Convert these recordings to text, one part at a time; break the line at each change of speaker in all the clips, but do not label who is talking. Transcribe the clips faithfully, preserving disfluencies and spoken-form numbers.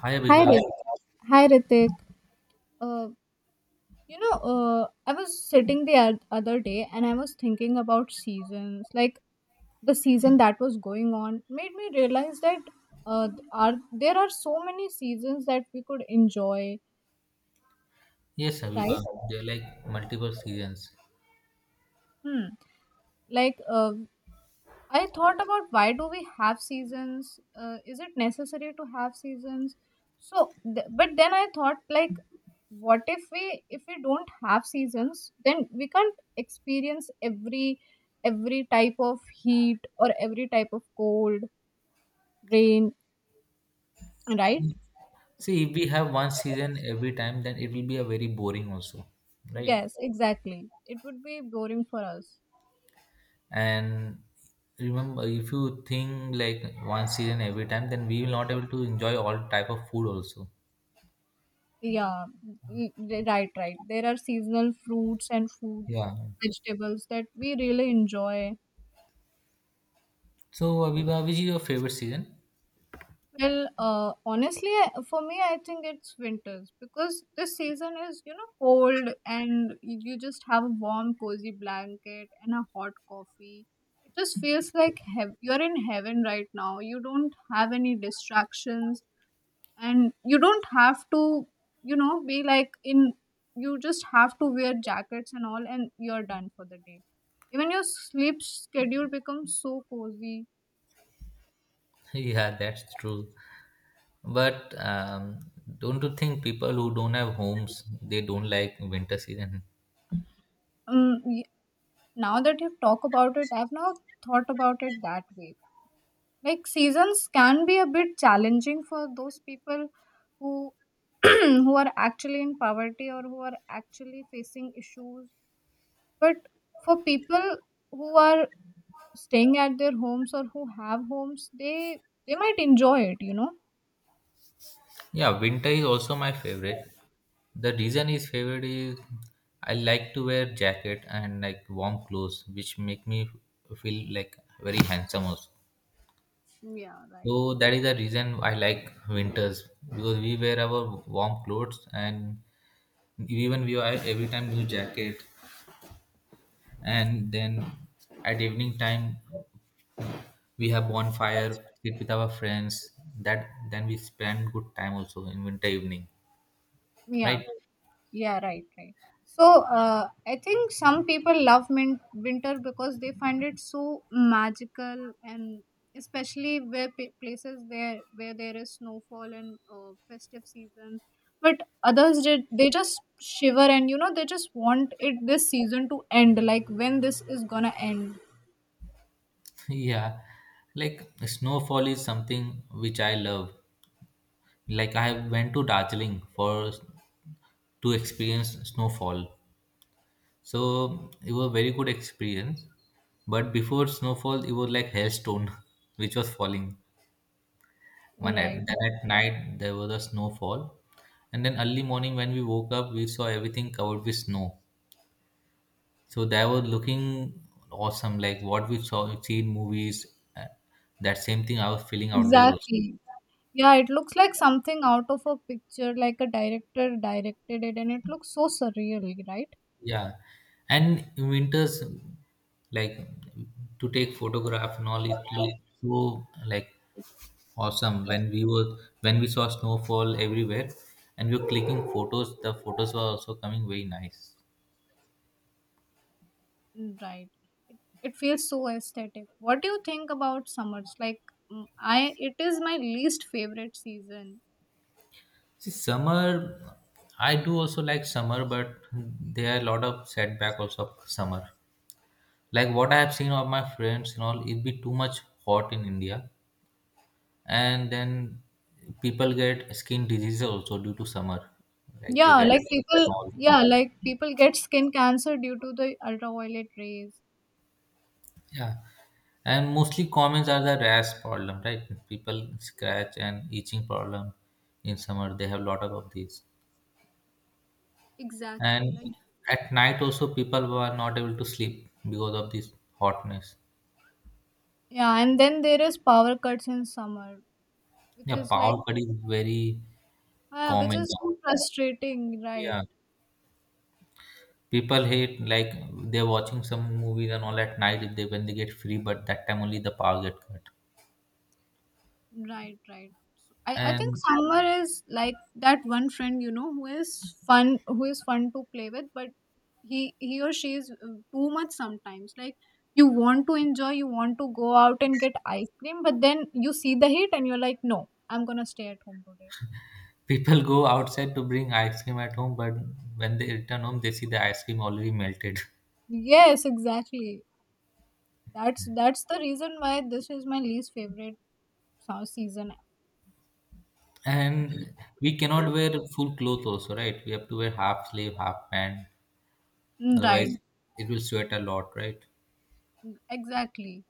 Hi
Hi,
Abiba.
Rit- hi Ritik. Uh, you know, uh, I was sitting the oth- other day and I was thinking about seasons. Like the season that was going on made me realize that uh, are there are so many seasons that we could enjoy,
Yes,
right?
Abiba. They're like multiple seasons.
Hmm. Like uh, I thought about why do we have seasons? Uh, is it necessary to have seasons? So, th- but then I thought like, what if we if we don't have seasons, then we can't experience every every type of heat or every type of cold, rain, right?
See, if we have one season every time, then it will be a very boring also, right?
Yes, exactly. It would be boring for us.
And remember, if you think like one season every time, then we will not able to enjoy all type of food also.
Yeah, y- y- right, right. There are seasonal fruits and food
Yeah.
vegetables that we really enjoy.
So Abiba, which is your favorite season?
Well, uh, honestly, I- for me, I think it's winters because this season is, you know, cold and you you just have a warm, cozy blanket and a hot coffee. It just feels like heav you're in heaven right now. You don't have any distractions and you don't have to, you know, be like in, you just have to wear jackets and all, and you're done for the day. Even your sleep schedule becomes so cozy.
Yeah, that's true. But um, don't you think people who don't have homes, they don't like winter season?
Um, Now that you talk about it, I've now thought about it that way. Like seasons can be a bit challenging for those people who who are actually in poverty or who are actually facing issues. But for people who are staying at their homes or who have homes, they they might enjoy it, you know.
Yeah, winter is also my favorite. The reason is favorite is I like to wear jacket and like warm clothes, which make me feel like very handsome also.
Yeah, right.
So that is the reason I like winters because we wear our warm clothes and even we are every time new jacket, and then at evening time we have bonfire sit with our friends that then we spend good time also in winter evening,
Yeah.
right.
Yeah, right, right. So uh, I think some people love min- winter because they find it so magical, and especially where p- places where where there is snowfall and uh, festive seasons. But others did they just shiver and you know they just want it this season to end, like when this is gonna end,
Yeah, like snowfall is something which I love. Like I went to Darjeeling for to experience snowfall. So it was very good experience. But before snowfall, it was like hailstone, which was falling. One at
right?
then at night there was a snowfall, and then early morning when we woke up, we saw everything covered with snow. So that was looking awesome, like what we saw see in movies. uh, That same thing I was feeling out there also.
Exactly. Yeah, it looks like something out of a picture, like a director directed it, and it looks so surreal, right?
Yeah, and in winters like to take photograph and all it looked so like awesome when we were when we saw snowfall everywhere, and we were clicking photos, the photos were also coming very nice.
Mm. Right. It feels so aesthetic. What do you think about summers? Like mm, I it is my least favorite season.
See, summer, I do also like summer, but there are a lot of setback also of summer, like what I have seen of my friends and all it be too much hot in India. And then people get skin diseases also due to summer, like they
Yeah,
get
like people
small.
yeah, like people get skin cancer due to the ultraviolet rays.
Yeah, and mostly commons are the rash problem, right? People scratch and itching problem in summer, they have lot of, of these.
Exactly.
And
Like
at night also people were not able to sleep because of this hotness.
yeah, and then there is power cuts in summer, which
Yeah,
is
power
like
cut is very
uh, which
common
is
now.
so frustrating, right?
Yeah, people hate like they're watching some movies and all at night if they when they get free, but that time only the power get cut.
Right, right. I, I think
And
summer is like that one friend you know who is fun who is fun to play with but he he or she is uh, too much sometimes. Like you want to enjoy, you want to go out and get ice cream but then you see the heat and you're like, no, I'm gonna stay at home today.
people go outside to bring ice cream at home, but when they return home, they see the ice cream already melted.
Yes, exactly. That's that's the reason why this is my least favorite sa- season.
And we cannot wear full clothes also, right? We have to wear half sleeve, half pant.
Mm,
Otherwise,
right.
it will sweat a lot, right?
Mm, exactly.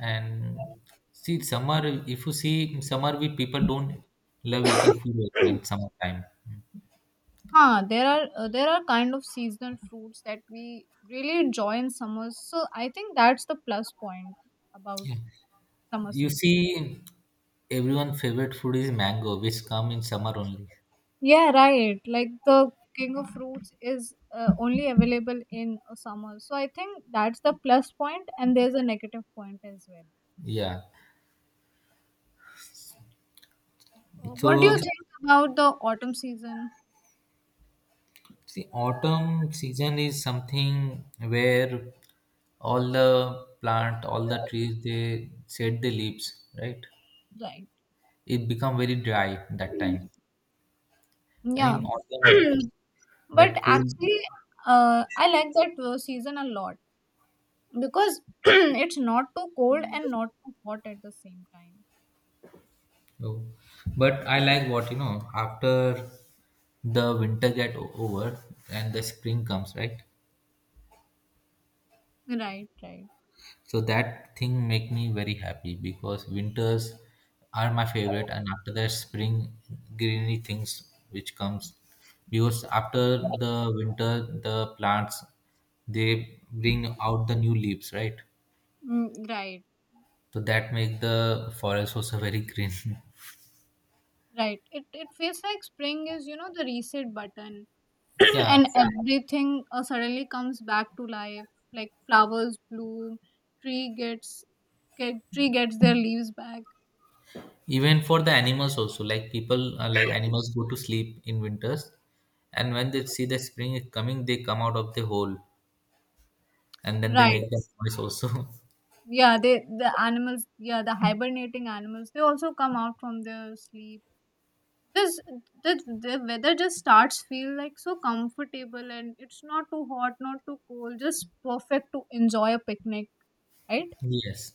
And see, summer, if you see summer, we people don't love eating food also in summertime.
Huh, there are uh, there are kind of seasonal fruits that we really enjoy in summers, so I think that's the plus point about summer
You
season.
see, everyone favorite food is mango, which come in summer only.
Yeah, right. Like the king of fruits is uh, only available in uh, summer. So I think that's the plus point, and there's a negative point as well.
Yeah.
Uh, What do you Okay.
So
think about the autumn season?
see, autumn season is something where all the plant, all the trees, they shed the leaves, right?
Right.
It become very dry that time, and
Yeah.
in autumn,
But
that cool.
actually, uh, I like that uh, season a lot because it's not too cold and not too hot at the same time.
Oh. But I like what you know after the winter get o- over and the spring comes, right?
Right, right.
So that thing make me very happy because winters are my favorite, and after that spring greeny things which comes because after the winter the plants they bring out the new leaves, right?
Mm, right,
So that make the forest also very green.
right. It it feels like spring is, you know, the reset button
Yeah,
and everything uh, suddenly comes back to life, like flowers bloom, tree gets get, tree gets their leaves back,
even for the animals also. Like people, uh, like animals go to sleep in winters, and when they see the spring is coming, they come out of the hole, and then they
right.
make that noise also.
Yeah, they the animals, yeah, the hibernating animals they also come out from their sleep. this the, the weather just starts feel like so comfortable and it's not too hot, not too cold, just perfect to enjoy a picnic, right?
Yes.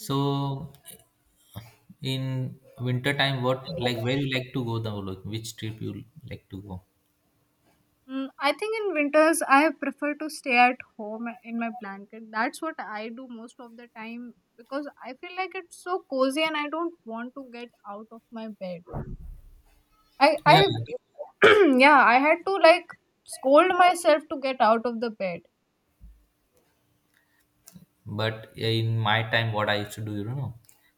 Right.
in winter time, what like where you like to go the like which trip you like to go?
Mm, I think in winters I prefer to stay at home in my blanket. That's what I do most of the time because I feel like it's so cozy and I don't want to get out of my bed. I
Yeah,
I yeah, I had to like scold myself to get out of the bed.
but yeah, in my time, what I used to do, you know,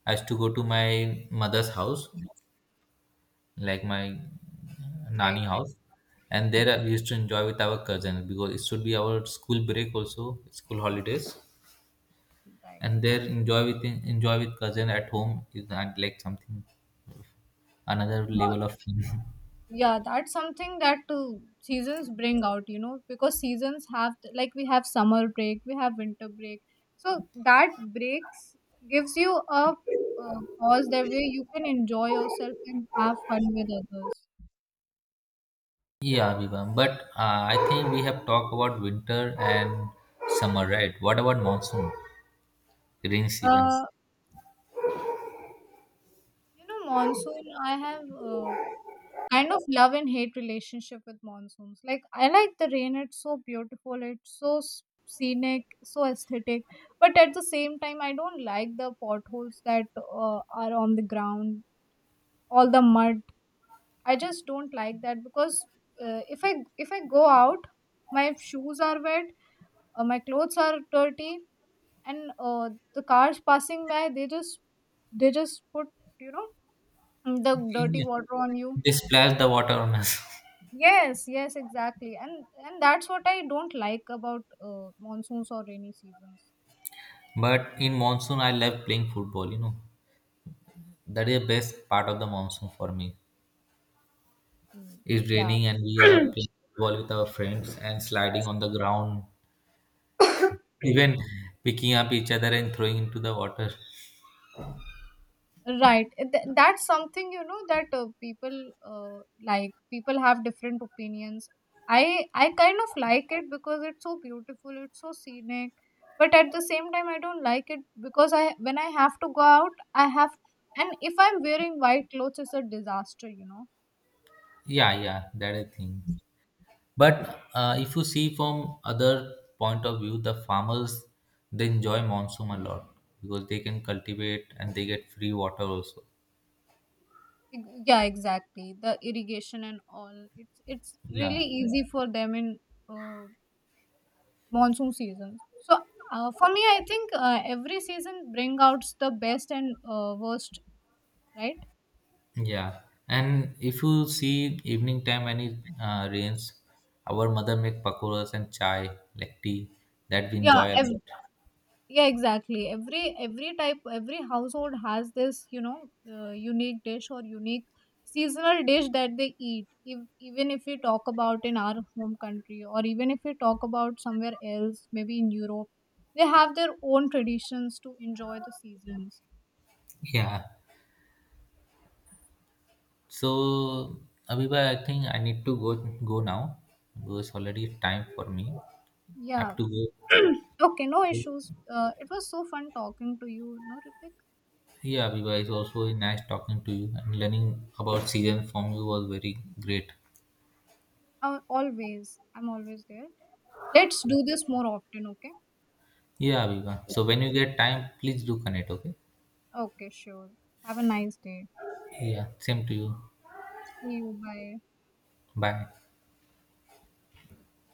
I used to go to my mother's house, like my
Right,
nanny house, and there I used to enjoy with our cousins because it should be our school break also, school holidays,
right,
and there enjoy with enjoy with cousin at home is not like something another
right.
level of fun.
Yeah, that's something that uh, seasons bring out, you know, because seasons have, like, we have summer break, we have winter break, so that breaks gives you a uh, pause that way you can enjoy yourself and have fun with others.
Yeah, Aviva. But uh, I think we have talked about winter and summer, right? What about monsoon, rain season?
uh you know, monsoon, I have uh, kind of love and hate relationship with monsoons. Like I like the rain; it's so beautiful, it's so s- scenic, so aesthetic. But at the same time, I don't like the potholes that uh, are on the ground, all the mud. I just don't like that because uh, if I if I go out, my shoes are wet, uh, my clothes are dirty, and uh, the cars passing by, they just they just put, you know, the dirty
Yeah.
water on you.
They splash the water on us.
Yes, yes, exactly. And and that's what I don't like about uh, monsoons or rainy seasons.
But in monsoon, I love playing football. You know, that is the best part of the monsoon for me.
Mm,
It's
yeah.
raining and we are playing football with our friends and sliding on the ground, even picking up each other and throwing into the water.
Right. Th- that's something, you know, that uh, people uh, like. People have different opinions. I I kind of like it because it's so beautiful, it's so scenic. But at the same time, I don't like it because I when I have to go out, I have, and if I'm wearing white clothes, it's a disaster, you know.
Yeah, yeah, that I think. But uh, if you see from other point of view, the farmers they enjoy monsoon a lot because they can cultivate and they get free water also.
Ex- yeah, exactly, the irrigation and all, it's it's
Yeah,
really easy for them in uh, monsoon season. So uh, for me I think uh, every season bring out the best and uh, worst, right?
yeah. And if you see evening time when it uh, rains, our mother make pakoras and chai, like tea, that we
Yeah,
enjoy a
ev-
lot.
yeah exactly, every every type, every household has this, you know, uh, unique dish or unique seasonal dish that they eat if, even if we talk about in our home country or even if we talk about somewhere else, maybe in Europe, they have their own traditions to enjoy the seasons.
Yeah. So Abiba, I think I need to go go now because already time for me. I
Yeah,
have to
okay, no
go.
issues. Uh, it was so fun talking to you, no Ritik.
Yeah, Abiba, it's also nice talking to you and learning about season from you was very great.
Uh, always I'm always there. Let's do this more often, okay?
Yeah, Abiba. So when you get time, please do connect, okay?
Okay, sure. Have a nice day.
Yeah, same to you.
See you, bye.
Bye.